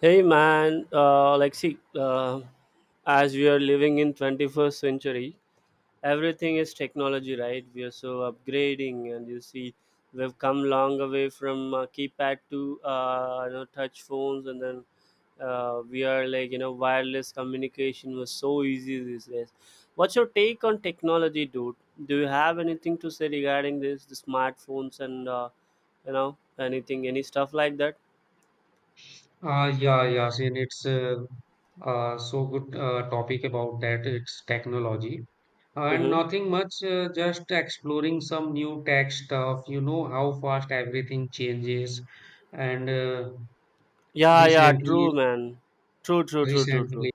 Hey man, like see, as we are living in 21st century, everything is technology, right? We are so upgrading, and you see, we've come long way from keypad to touch phones, and then we are like wireless communication was so easy these days. What's your take on technology, dude? Do you have anything to say regarding this, the smartphones and anything, any stuff like that? Yeah, Yasin, it's so good topic about that. It's technology and Mm-hmm. nothing much, just exploring some new tech stuff. You know how fast everything changes, and Yeah, yeah, recently, true, man. True, true, true, true, recently true.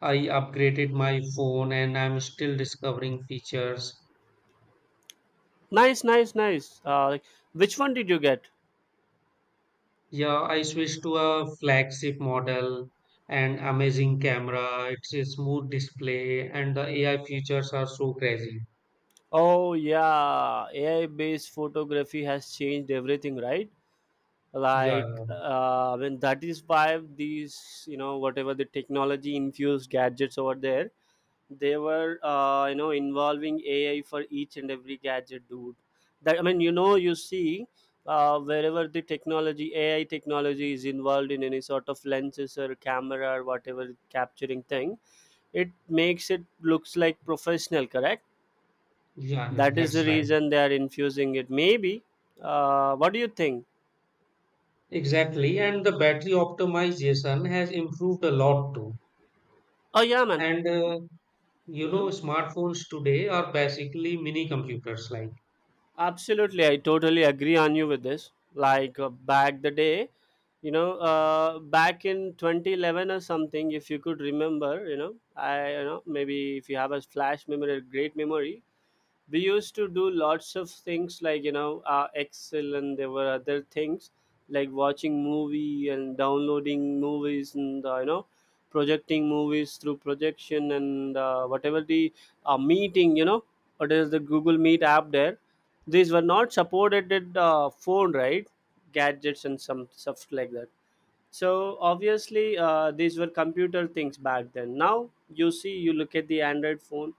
I upgraded my phone and I'm still discovering features. Nice, nice, nice. Like, which one did you get? Yeah, I switched to a flagship model and amazing camera. It's a smooth display, and the AI features are so crazy. Oh, yeah. AI-based photography has changed everything, right? Yeah. Like, yeah. When that is why these, you know, whatever the technology-infused gadgets over there, they were involving AI for each and every gadget, dude. That, I mean, you know, you see, wherever the technology, AI technology is involved in any sort of lenses or camera or whatever capturing thing, it makes it looks like professional, correct? Yeah, yeah, That is the that's right. reason they are infusing it, maybe. What do you think? Exactly. And the battery optimization has improved a lot too. Oh yeah, man. And you Hmm. know, smartphones today are basically mini computers, like. Absolutely, I totally agree on you with this. Like back the day, you know, back in 2011 or something, if you could remember, you know, I maybe if you have a flash memory, a great memory, we used to do lots of things like excel, and there were other things like watching movie and downloading movies, and projecting movies through projection, and whatever the meeting, you know, or there's the Google Meet app there. These were not supported at phone, right? Gadgets and some stuff like that. So obviously these were computer things back then. Now you see, you look at the Android phone,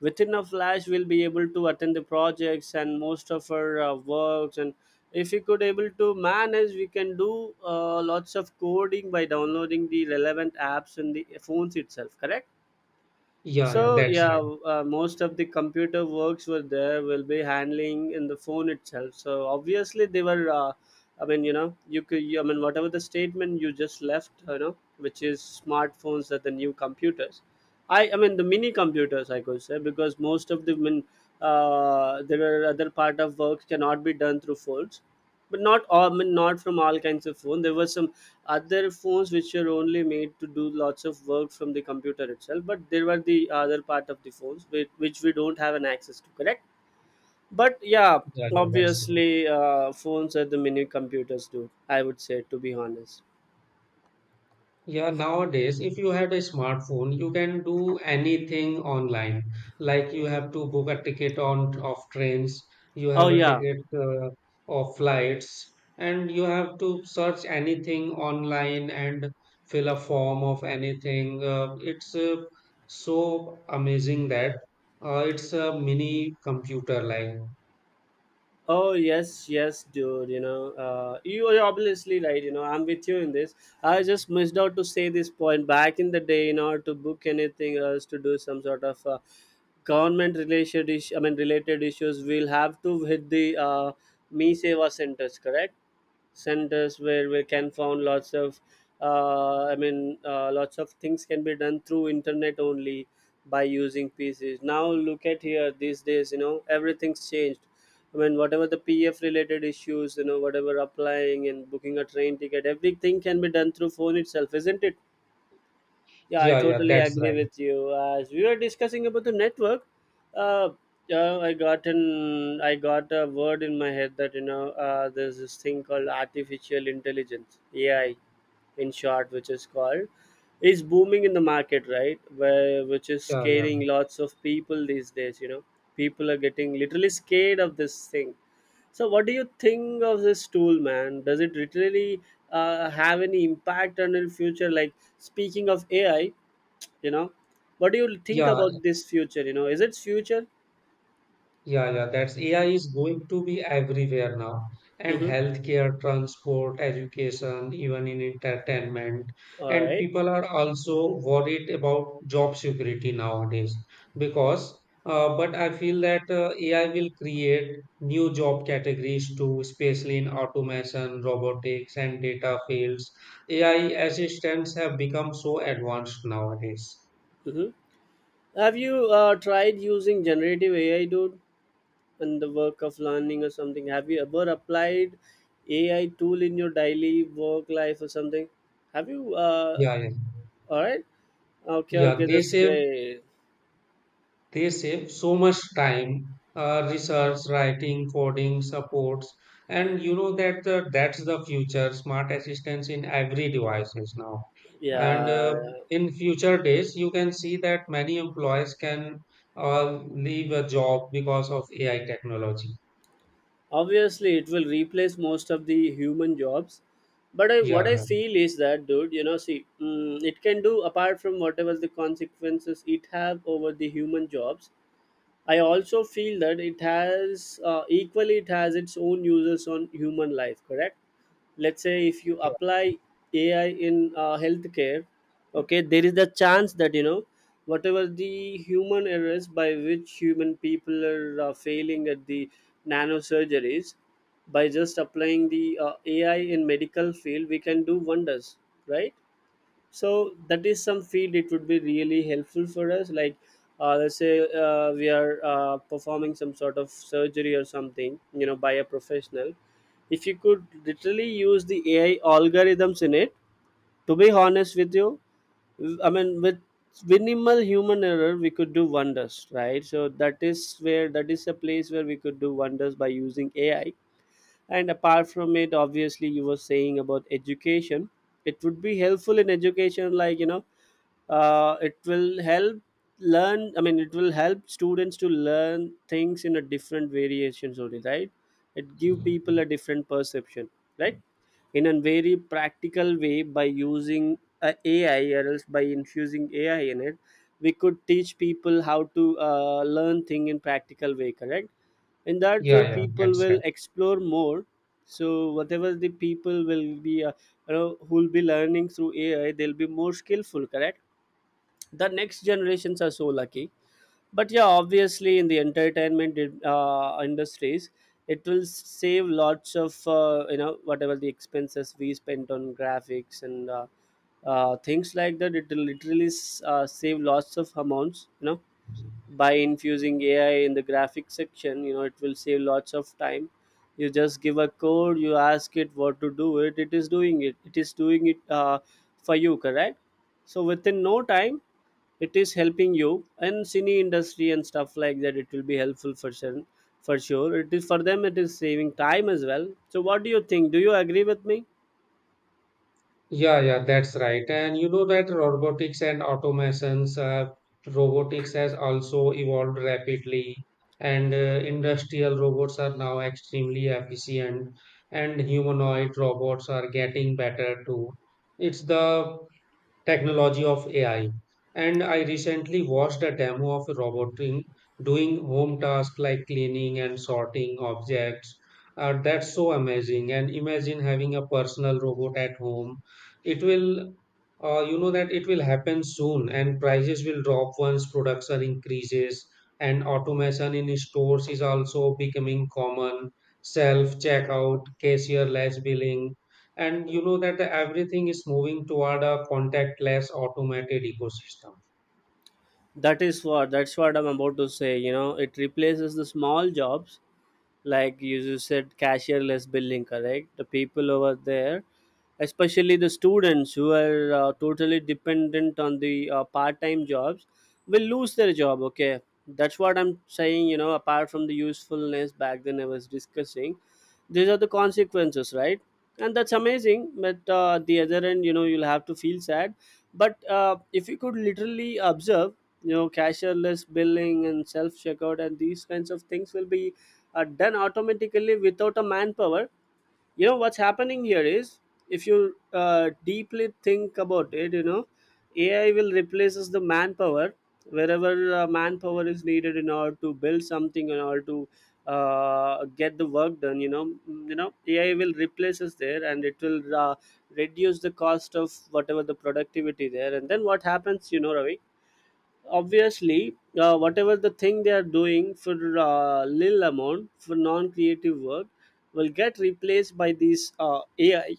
within a flash we'll be able to attend the projects and most of our works, and if we could able to manage we can do lots of coding by downloading the relevant apps in the phones itself, correct? Yeah, yeah, So that's yeah, right. Most of the computer works were there will be handling in the phone itself. So obviously they were. I mean, you know, you could. You, I mean, whatever the statement you just left, you know, which is smartphones are the new computers. I mean, the mini computers, I could say, because most of the, I mean, there are other part of work cannot be done through phones, but not all, I mean, not from all kinds of phone. There were some other phones which were only made to do lots of work from the computer itself. But there were the other part of the phones which we don't have an access to, correct. But yeah, Yeah, yeah, that's right. obviously, phones are the mini computers, dude. I would say, to be honest. Yeah, nowadays, if you had a smartphone, you can do anything online. Like you have to book a ticket on of trains, you Oh have a yeah, ticket of flights, and you have to search anything online and fill a form of anything. It's so amazing that it's a mini computer like. oh yes, yes, dude. You know, you are obviously right. You know, I'm with you in this. I just missed out to say this point back in the day. You know, to book anything else, to do some sort of government related issue, I mean, related issues. We'll have to hit the Me Seva centers, correct? Centers where we can found lots of things can be done through internet only by using PCs. Now look at here these days, you know, everything's changed. I mean, whatever the PF related issues, you know, whatever, applying and booking a train ticket, everything can be done through phone itself, isn't it? Yeah, I Yeah, yeah, totally that's agree right. with you. As we were discussing about the network, uh, I got a word in my head that, you know, there's this thing called artificial intelligence (AI), in short, which is called, is booming in the market, right? Where which is Yeah, yeah, scaring lots of people these days. You know, people are getting literally scared of this thing. So, what do you think of this tool, man? Does it literally have any impact on the future? Like speaking of AI, you know, what do you think yeah. about this future, you know? Is it future? Yeah, yeah, that's AI is going to be everywhere now. And Mm-hmm. healthcare, transport, education, even in entertainment. All And right. people are also worried about job security nowadays because, but I feel that AI will create new job categories too, especially in automation, robotics, and data fields. AI assistants have become so advanced nowadays. Mm-hmm. Have you tried using generative AI, dude, in the work of learning or something? Have you ever applied AI tool in your daily work life or something? Have you Yeah, yeah. All right, okay, Yeah, okay, they that's save great. They save so much time, research, writing, coding, supports, and you know that's the future. Smart assistants in every devices now, Yeah, and yeah. in future days, you can see that many employees can leave a job because of AI technology. Obviously it will replace most of the human jobs, but what I Yeah, feel is that, dude, you know, see, it can do. Apart from whatever the consequences it have over the human jobs, I also feel that it has its own uses on human life, correct. Let's say if you yeah, apply AI in healthcare, okay, there is the chance that, you know, whatever the human errors by which human people are failing at the nanosurgeries, by just applying the AI in medical field, we can do wonders, right? So that is some field it would be really helpful for us, like let's say we are performing some sort of surgery or something, you know, by a professional. If you could literally use the AI algorithms in it, to be honest with you, I mean, with minimal human error we could do wonders, right? So that is where, that is a place where we could do wonders by using AI. And apart from it, obviously you were saying about education, it would be helpful in education, like, you know, uh, it will help it will help students to learn things in a different variations only, right? It give people a different perception, right? In a very practical way, by using a AI or else by infusing AI in it, we could teach people how to learn thing in practical way, correct? In that yeah, way yeah. yeah, people That's will explore more. So whatever the people will be, who will be learning through AI, they'll be more skillful, correct? The next generations are so lucky. But yeah, obviously in the entertainment industries, it will save lots of whatever the expenses we spent on graphics, and things like that. It will literally save lots of amounts, you know. right. By infusing ai in the graphic section, you know, it will save lots of time. You just give a code, you ask it what to do, it is doing it, for you, correct? So within no time, it is helping you. And cine industry and stuff like that, it will be helpful for sure. For sure, it is. For them, it is saving time as well. So what do you think, do you agree with me? Yeah, yeah, that's right. And you know that robotics and automations, robotics has also evolved rapidly, and industrial robots are now extremely efficient, and humanoid robots are getting better too. It's the technology of AI. And I recently watched a demo of a robot doing home tasks like cleaning and sorting objects. That's so amazing. And imagine having a personal robot at home. It will, you know, that it will happen soon, and prices will drop once production increases. And automation in stores is also becoming common. Self checkout, cashier-less billing, and you know that everything is moving toward a contactless automated ecosystem. That's what I'm about to say, you know, it replaces the small jobs. Like you said, cashierless billing, correct? The people over there, especially the students who are totally dependent on the part-time jobs will lose their job, okay? That's what I'm saying, you know. Apart from the usefulness, back then I was discussing, these are the consequences, right? And that's amazing. But at the other end, you know, you'll have to feel sad. But if you could literally observe, you know, cashierless billing and self checkout and these kinds of things will be done automatically without a manpower. You know, what's happening here is, if you deeply think about it, you know, AI will replaces the manpower. Wherever manpower is needed in order to build something, in order to get the work done, you know, you know, AI will replace us there. And it will reduce the cost of whatever the productivity there. And then what happens, you know, Ravi? Obviously whatever the thing they are doing for little amount for non-creative work will get replaced by these AI,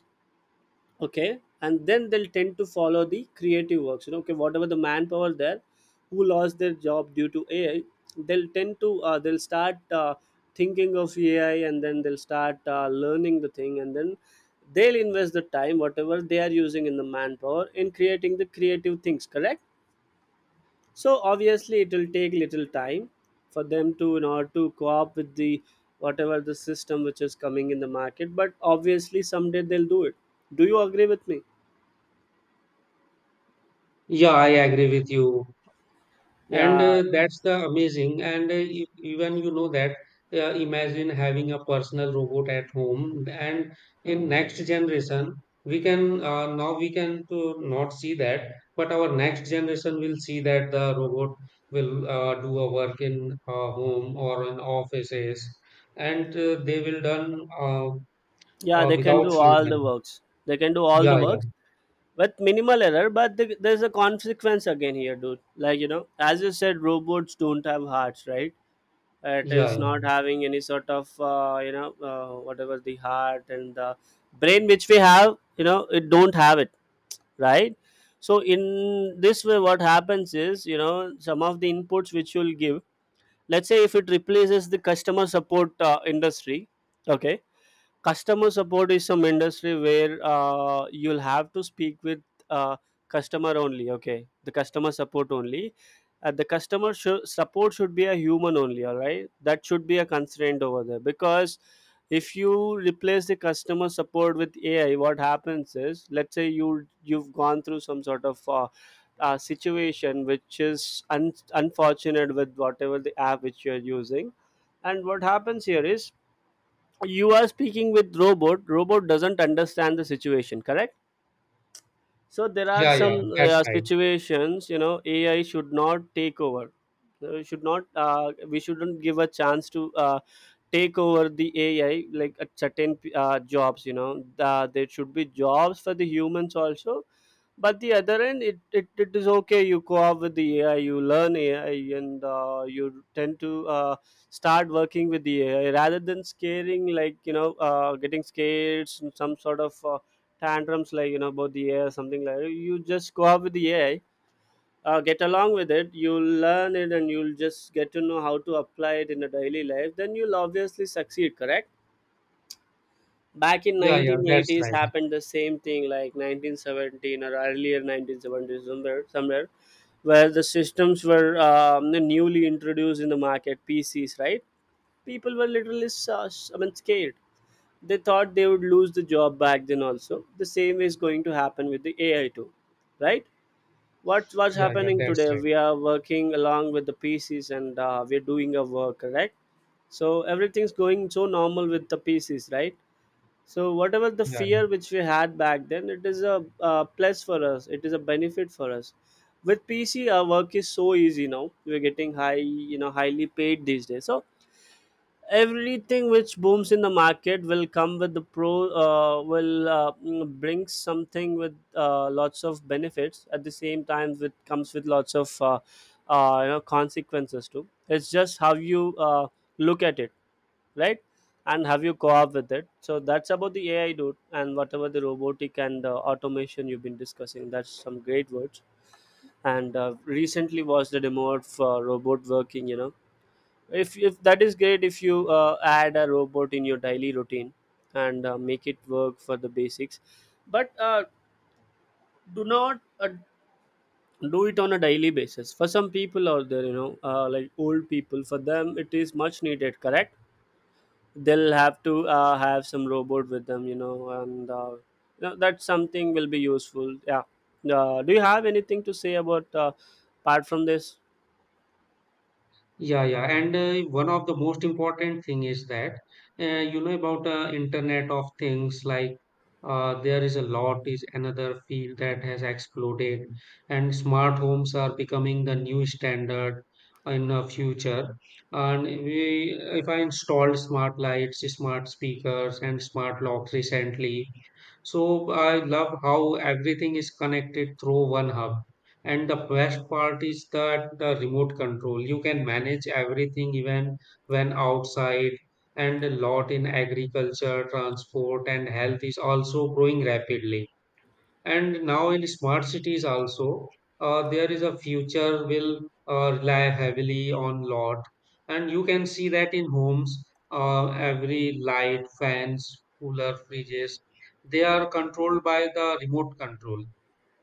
okay? And then they'll tend to follow the creative works, you know. Okay, whatever the manpower there who lost their job due to AI, they'll tend to they'll start thinking of AI, and then they'll start learning the thing. And then they'll invest the time whatever they are using in the manpower in creating the creative things, correct? So obviously, it will take little time for them to in order to co-op with the whatever the system which is coming in the market. But obviously, someday they'll do it. Do you agree with me? Yeah, I agree with you. and Yeah, uh, that's the amazing and even you know that, imagine having a personal robot at home and in next generation we can, now we can to not see that, but our next generation will see that the robot will do a work in uh, home or in offices, and they will done, yeah, they can without do all human. the works. They can do all Yeah, the yeah, works with minimal error, but there's a consequence again here, dude. Like, you know, as you said, robots don't have hearts, right? It is yeah, not having any sort of whatever the heart and the brain which we have, you know, it don't have it, right. So in this way what happens is, you know, some of the inputs which you'll give, let's say if it replaces the customer support industry. Okay, customer support is some industry where you'll have to speak with uh, customer only. Okay, the customer support only. Uh, the customer should support should be a human only, all right? That should be a constraint over there, because if you replace the customer support with AI, what happens is, let's say you've gone through some sort of situation which is unfortunate with whatever the app which you're using, and what happens here is you are speaking with robot, robot doesn't understand the situation, correct? So there are yeah, yeah, some yeah, that's right. situations, you know, AI should not take over. Should not we shouldn't give a chance to take over the AI like at certain jobs. You know, there should be jobs for the humans also. But the other end, it is okay. You co-op with the AI, you learn AI, and you tend to start working with the AI rather than scaring, like getting scared, some sort of tantrums, like, you know, about the AI or something like that. You just go up with the AI, get along with it. You'll learn it, and you'll just get to know how to apply it in a daily life. Then you'll obviously succeed, correct. Back in Yeah, yeah, that's 1980s right. happened the same thing, like 1917 or earlier 1970s, somewhere, somewhere where the systems were newly introduced in the market, PCs, right? People were literally scared, they thought they would lose the job back then also. The same is going to happen with the AI too, right? What's Yeah, yeah, happening that's today? right. We are working along with the PCs and we're doing our work, correct? So everything's going so normal with the PCs, right? So whatever the Yeah. fear which we had back then, it is a plus for us. It is a benefit for us. With PC, our work is so easy now. We're getting high, you know, highly paid these days. So everything which booms in the market will come with the bring something with lots of benefits. At the same time it comes with lots of you know, consequences too. It's just how you look at it, right, and have you co-op with it. So that's about the AI, dude. And whatever the robotic and automation you've been discussing, that's some great words. And recently was the demo for robot working, you know. If that is great, if you add a robot in your daily routine and make it work for the basics, but do not do it on a daily basis. For some people out there, you know, like old people, for them it is much needed, correct? They'll have to have some robot with them, you know, and you know, that something will be useful, yeah. Do you have anything to say about apart from this? Yeah, yeah, and one of the most important thing is that you know about Internet of Things. Like there is a lot is another field that has exploded, and smart homes are becoming the new standard in the future. And we, if I installed smart lights, smart speakers, and smart locks recently, so I love how everything is connected through one hub and the best part is that the remote control. You can manage everything even when outside. And a lot in agriculture, transport, and health is also growing rapidly. And now in smart cities also, there is a future will rely heavily on lot. And you can see that in homes, every light, fans, cooler, fridges, they are controlled by the remote control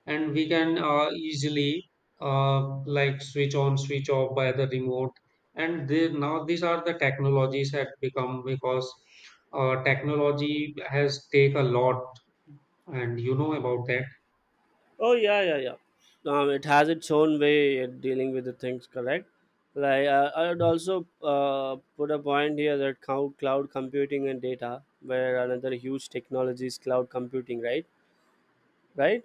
and we can easily like switch on switch off by the remote and they, now these are the technologies that become because technology has take a lot and you know about that. Oh yeah, yeah, yeah. It has its own way at dealing with the things, correct? Like I'd also put a point here that cloud computing and data, where another huge technology is cloud computing, right? Right?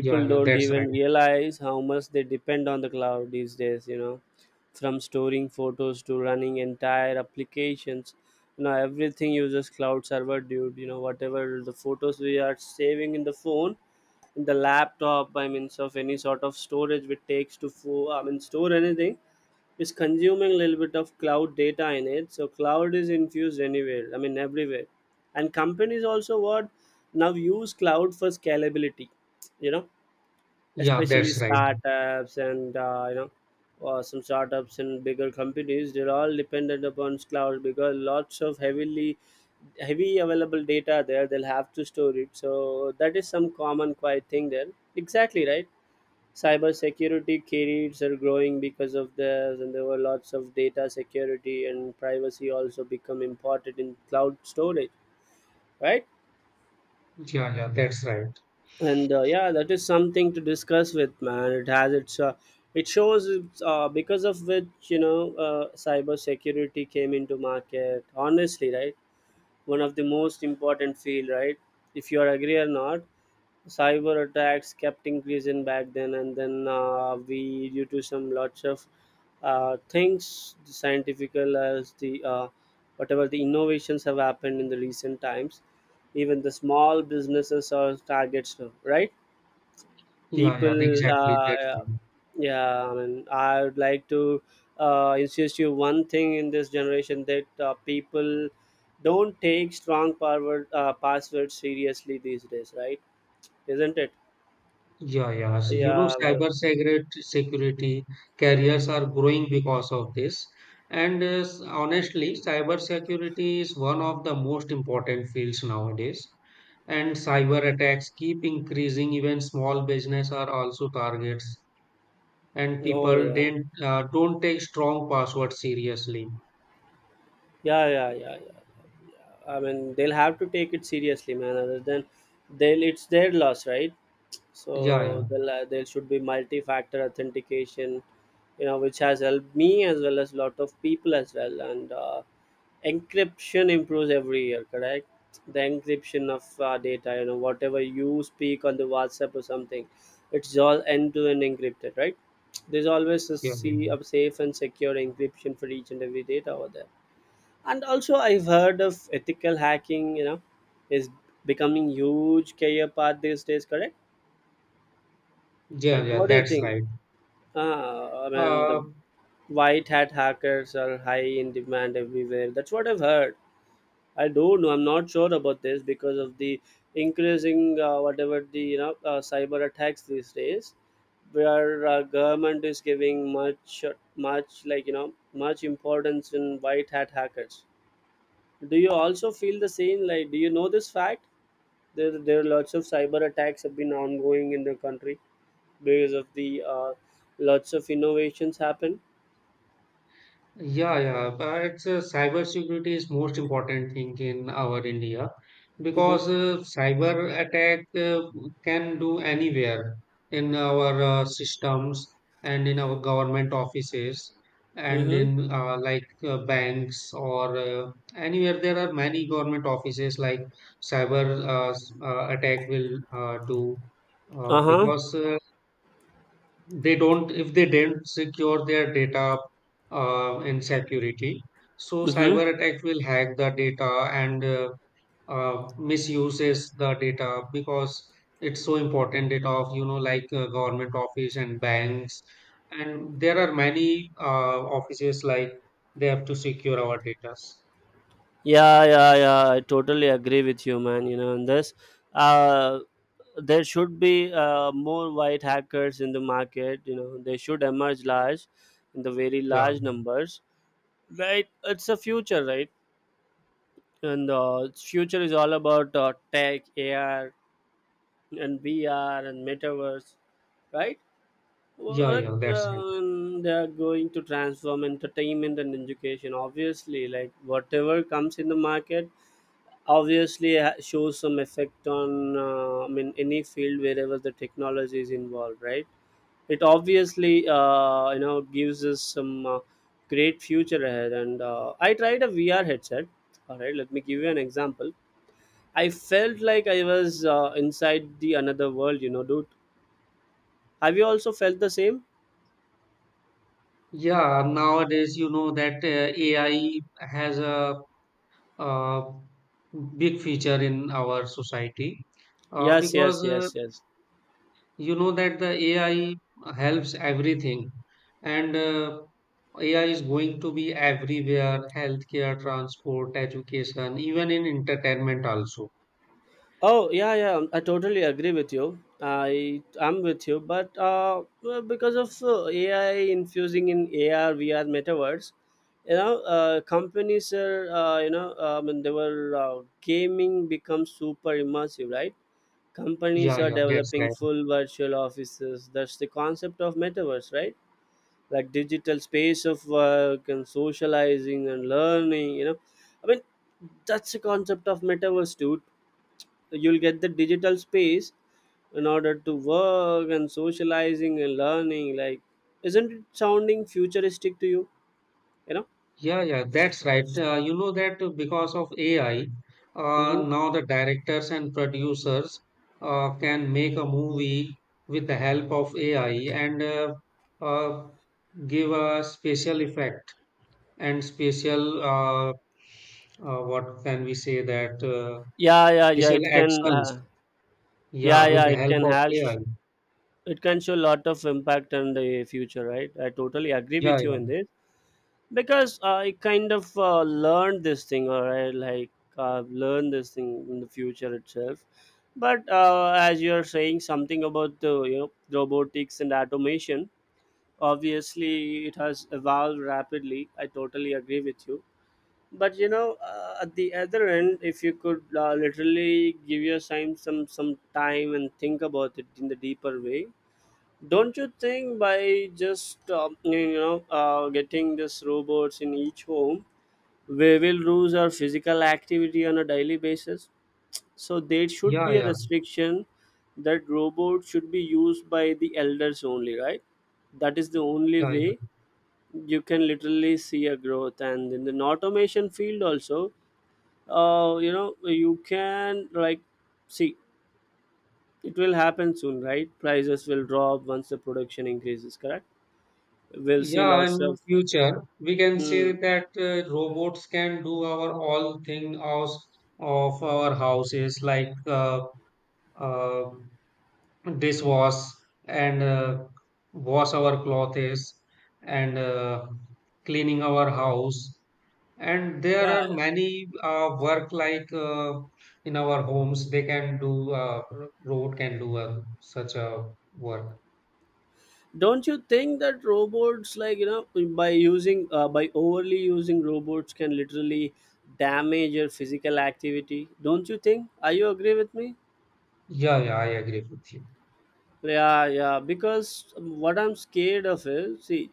Yeah, yeah, don't that's even right. realize how much they depend on the cloud these days. You know, from storing photos to running entire applications. You know, everything uses cloud server, dude. You know, whatever the photos we are saving in the phone, the laptop, by means of any sort of storage which takes to store anything, is consuming a little bit of cloud data in it. So cloud is infused anywhere I mean everywhere. And companies also, what, now use cloud for scalability, you know, Yeah, especially that's right. startups and some startups and bigger companies, they're all dependent upon cloud because lots of heavily heavy available data there, they'll have to store it. So that is some common quiet thing there, exactly, right? Cyber security careers are growing because of this, and there were lots of data security and privacy also become important in cloud storage, right? Yeah, yeah, that's right. And yeah, that is something to discuss with, man. It has its it shows because of which, you know, cyber security came into market, honestly, right? One of the most important field, right, if you are agree or not. Cyber attacks kept increasing back then, and then we, due to some lots of things, the scientifical as the whatever the innovations have happened in the recent times, even the small businesses are targets now, right? Yeah, yeah, People exactly, that's right. yeah, I mean I would like to insist you one thing in this generation, that people don't take strong forward passwords seriously these days, right? Isn't it? Yeah, yeah. So, you know, Yeah, but cyber security careers are growing because of this. And honestly, cyber security is one of the most important fields nowadays. And cyber attacks keep increasing. Even small business are also targets. And no, people yeah, didn't don't take strong passwords seriously. Yeah. I mean, they'll have to take it seriously, man. Other than, they'll, it's their loss, right? Yeah, yeah, So they'll, there should be multi-factor authentication, you know, which has helped me as well as lot of people as well. And encryption improves every year, correct? The encryption of data, you know, whatever you speak on the WhatsApp or something, it's all end-to-end encrypted, right? There's always a, yeah, yeah, see, a safe and secure encryption for each and every data over there. And also I've heard of ethical hacking, you know, is becoming huge career path these days, correct? yeah, Right, yeah, what do you that's think? right. I mean, the Uh, white hat hackers are high in demand everywhere, that's what I've heard. I don't know, I'm not sure about this. Because of the increasing whatever the you know cyber attacks these days, where government is giving much much like you know much importance in white hat hackers. Do you also feel the same? Like, do you know this fact? There are lots of cyber attacks have been ongoing in the country because of the lots of innovations happen. yeah, yeah, but cybersecurity is most important thing in our India Mm-hmm. because cyber attack can do anywhere in our systems and in our government offices and Mm-hmm. in banks or anywhere there are many government offices like cyber attack will uh, do uh, Uh huh. because uh, they don't if they don't secure their data in security so Mm-hmm. cyber attack will hack the data and misuses the data because it's so important data of you know like government office and banks and there are many offices like they have to secure our data. Yeah, yeah, yeah, I totally agree with you, man. You know, and this, uh, there should be more white hackers in the market. You know, they should emerge large, in the very Yeah, large numbers. Right, it's a future, right? And future is all about tech, AR and VR and metaverse, right? Well, yeah, like, yeah, that's right. They are going to transform entertainment and education. Obviously, like whatever comes in the market obviously shows some effect on any field wherever the technology is involved, right? It obviously you know gives us some great future ahead. And I tried a VR headset, all right, let me give you an example. I felt like I was inside the another world, you know, dude. Have you also felt the same? Yeah, nowadays you know that AI has a, uh, big feature in our society, uh, Yes, yes, because uh, yes, yes. you know that the AI helps everything and AI is going to be everywhere healthcare, transport, education, even in entertainment also. Oh yeah, yeah. I totally agree with you, I am with you. But well, because of AI infusing in AR, VR, metaverse, you know, companies are you know, I mean, they were gaming becomes super immersive, right? Companies Yeah, are yeah, that's developing right. full virtual offices. That's the concept of metaverse, right? Like digital space of work and socializing and learning. You know, I mean, that's the concept of metaverse, dude. You'll get the digital space in order to work and socializing and learning. Like, isn't it sounding futuristic to you, you know? Yeah, yeah, that's right. You know that because of AI, Hmm, now the directors and producers can make a movie with the help of AI and uh, give a special effect and special, what can we say that, yeah, yeah, special it can actions. yeah, Yeah, with the it help can of AI. it can show a lot of impact on the future, right? I totally agree Yeah, with you yeah, in this. Because I kind of learned this thing, or I, like, learned this thing in the future itself. But as you're saying something about the, you know, robotics and automation, obviously it has evolved rapidly, I totally agree with you. But you know, at the other end, if you could literally give your time some time and think about it in the deeper way, don't you think by just getting these robots in each home, we will lose our physical activity on a daily basis? So there should yeah, be a yeah, restriction that robots should be used by the elders only, right? That is the only yeah, way. yeah. You can literally see a growth, and in the automation field also you know, you can, like, see it will happen soon, right? Prices will drop once the production increases, correct? We'll see Yeah, lots in of, future, we can say mm, that robots can do our all thing of our houses like uh, dishwash and wash our clothes and cleaning our house. And there yeah, are yeah. many work like in our homes, they can do, robot can do such a work. Don't you think that robots, like, by using by overly using robots can literally damage your physical activity? Don't you think? Are you agree with me? Yeah, yeah, I agree with you. Yeah, yeah, because what I'm scared of is, see,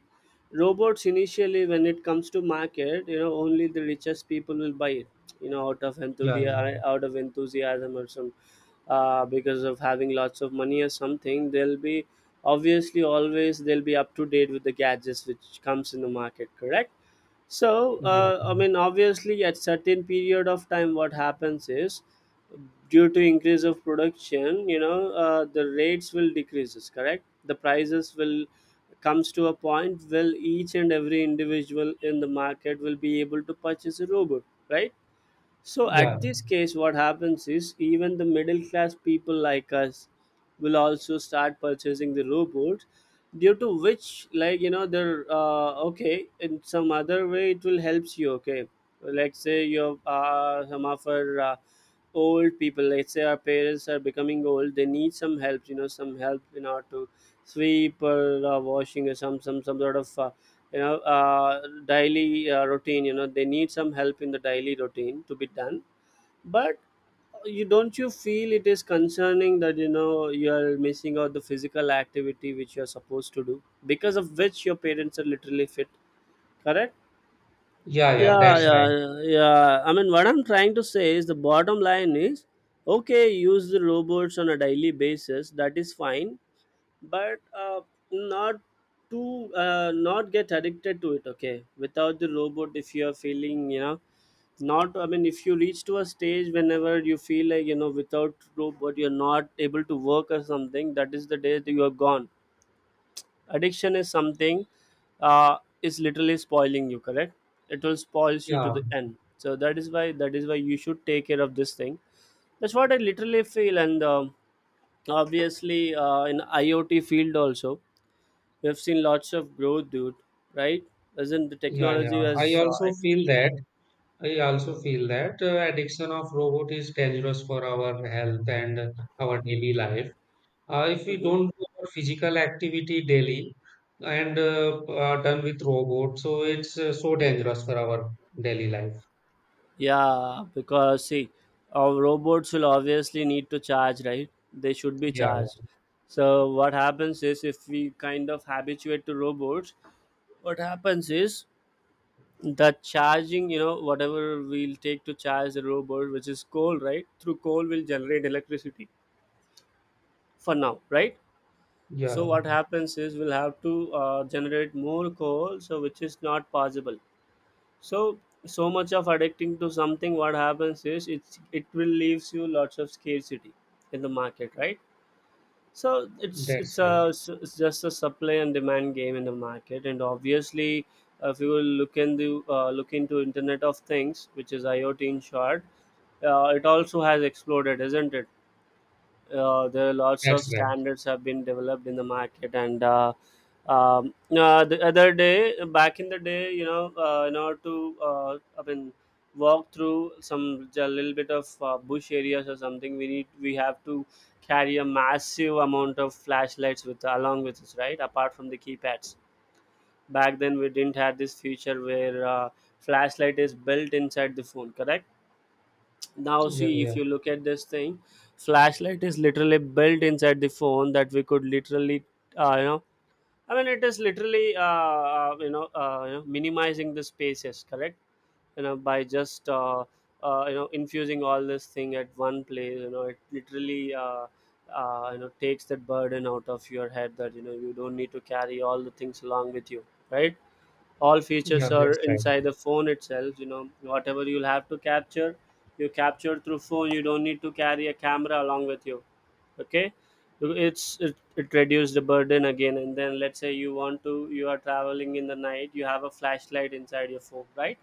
robots initially, when it comes to market, you know, only the richest people will buy it, you know, Yeah, yeah, out of enthusiasm or some, because of having lots of money or something, they'll be obviously always they'll be up to date with the gadgets which comes in the market, correct? So, yeah, I mean, obviously, at certain period of time, what happens is due to increase of production, the rates will decreases, correct, the prices will comes to a point will each and every individual in the market will be able to purchase a robot, right? So yeah. at this case, what happens is even the middle class people like us will also start purchasing the robots, due to which, like, they're okay, in some other way it will helps you. Okay, let's say you are some of our old people. Let's say our parents are becoming old, they need some help. You know, some help in order to sweep or washing or some some sort of. Daily routine, you know, they need some help in the daily routine to be done. But you, don't you feel it is concerning that, you know, you are missing out the physical activity which you are supposed to do, because of which your parents are literally fit, correct? Yeah, yeah, yeah that's yeah right. yeah yeah. I mean what I'm trying to say is the bottom line is okay, use the robots on a daily basis, that is fine, but not to not get addicted to it. Okay, without the robot if you are feeling, you know, not, I mean, if you reach to a stage whenever you feel like, you know, without robot you're not able to work or something, that is the day that you are gone. Addiction is something, uh, is literally spoiling you, correct? It will spoils you to Yeah, the end, so that is why, that is why you should take care of this thing. That's what I literally feel. And obviously in IoT field also, we've seen lots of growth, dude. Right? Isn't the yeah, technology yeah. I has also feel that. I also feel that addiction of robot is dangerous for our health and our daily life. If we Mhm. don't do our physical activity daily and are done with robot, so it's so dangerous for our daily life. Yeah? Because see, our robots will obviously need to charge, right? They should be Yeah, charged. So what happens is if we kind of habituate to robots, what happens is the charging, you know, whatever we'll take to charge the robot, which is coal, right, through coal will generate electricity for now, right? So yeah, what happens is we'll have to generate more coal, so which is not possible. So so much of addicting to something, what happens is it will leaves you lots of scarcity in the market, right? So it's that's a, right. it's just a supply and demand game in the market. And obviously if you will look into internet of things, which is IoT in short, it also has exploded, isn't it? There are lots of That's right. standards have been developed in the market. And the other day, back in the day, you know, in order to I mean walk through some a little bit of bush areas or something, we have to carry a massive amount of flashlights with along with us, right, apart from the keypads. Back then we didn't have this feature where flashlight is built inside the phone, correct? Now Yeah, see, yeah, if you look at this thing, flashlight is literally built inside the phone that we could literally uh, you know I mean, it is literally minimizing the spaces, correct? By just infusing all this thing at one place, it literally takes that burden out of your head that, you know, you don't need to carry all the things along with you, right? All yeah, features are that's right. inside the phone itself, you know, whatever you'll have to capture, you capture through phone. You don't need to carry a camera along with you, okay? It reduces the burden again. And then let's say you want to, you are traveling in the night, you have a flashlight inside your phone, right?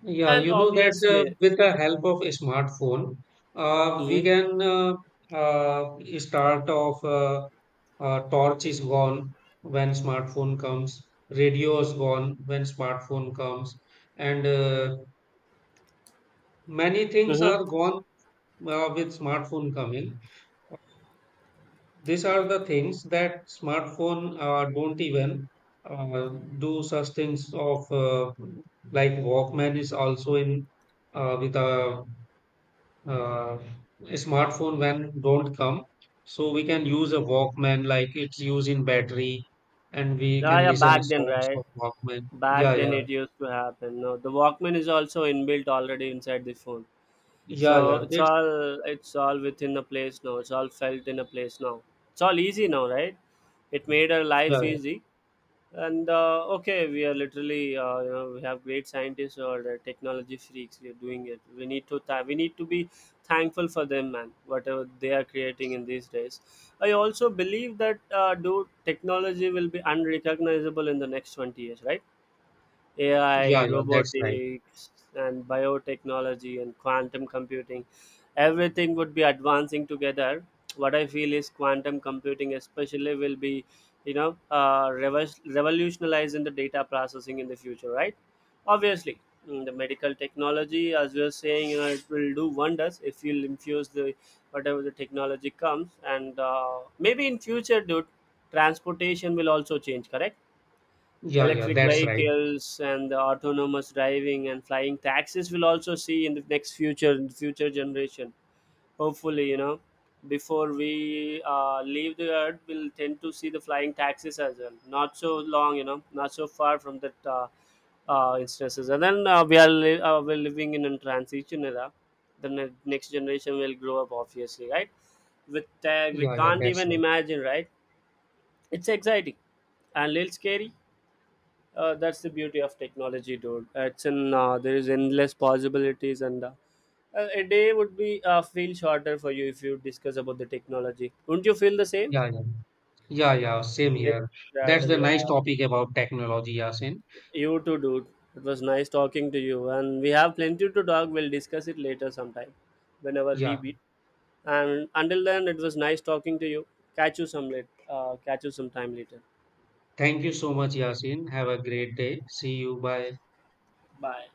Yeah, And you know that obviously, with the help of a smartphone, we mm-hmm, can, uh, start off. Torch is gone when smartphone comes, radio is gone when smartphone comes, and many things mm-hmm. are gone with smartphone coming. These are the things that smartphone don't even uh, do such things of like Walkman is also in with a uh, smartphone when don't come so we can use a walkman like it's used in battery and we Yeah, can yeah, listen to back then, songs right, of walkman. Yeah, back then yeah, it used to happen, no, the walkman is also inbuilt already inside the phone. So yeah, yeah, it's that's all it's all within a place now. It's all felt in a place now. It's all easy now, right? It made our yeah, life yeah, easy. And okay, we are literally we have great scientists or technology freaks. We are doing it. We need to we need to be thankful for them, man. Whatever they are creating in these days. I also believe that dude, technology will be unrecognizable in the next 20 years, right? yeah, AI, yeah, that's right. robotics, and biotechnology and quantum computing. Everything would be advancing together. What I feel is quantum computing, especially, will be, you know, revolutionizing the data processing in the future, right? Obviously, mm, the medical technology, as we are saying, you know, it will do wonders if you infuse the whatever the technology comes. And maybe in future, dude, transportation will also change, correct? Yeah, yeah, Electric that's right. vehicles and the autonomous driving and flying taxis will also see in the next future, in the future generation, hopefully, you know, before we leave the earth we'll tend to see the flying taxis as well, not so long, you know, not so far from that instances. And then we're living in a transition era. The next generation will grow up obviously, right, with tech we Yeah, yeah, can't that's even right. imagine, right? It's exciting and a little scary. That's the beauty of technology, dude. It's in, there is endless possibilities. And a day would be feel shorter for you if you discuss about the technology. Wouldn't you feel the same? Yeah, yeah, yeah, yeah, same Day- here. That's the nice yeah. topic about technology Yasin. You too, dude. It was nice talking to you, and we have plenty to talk. We'll discuss it later sometime, whenever we Yeah, meet. And until then, it was nice talking to you. Catch you some late catch you sometime later. thank you so much Yasin, have a great day. See you, bye. Bye.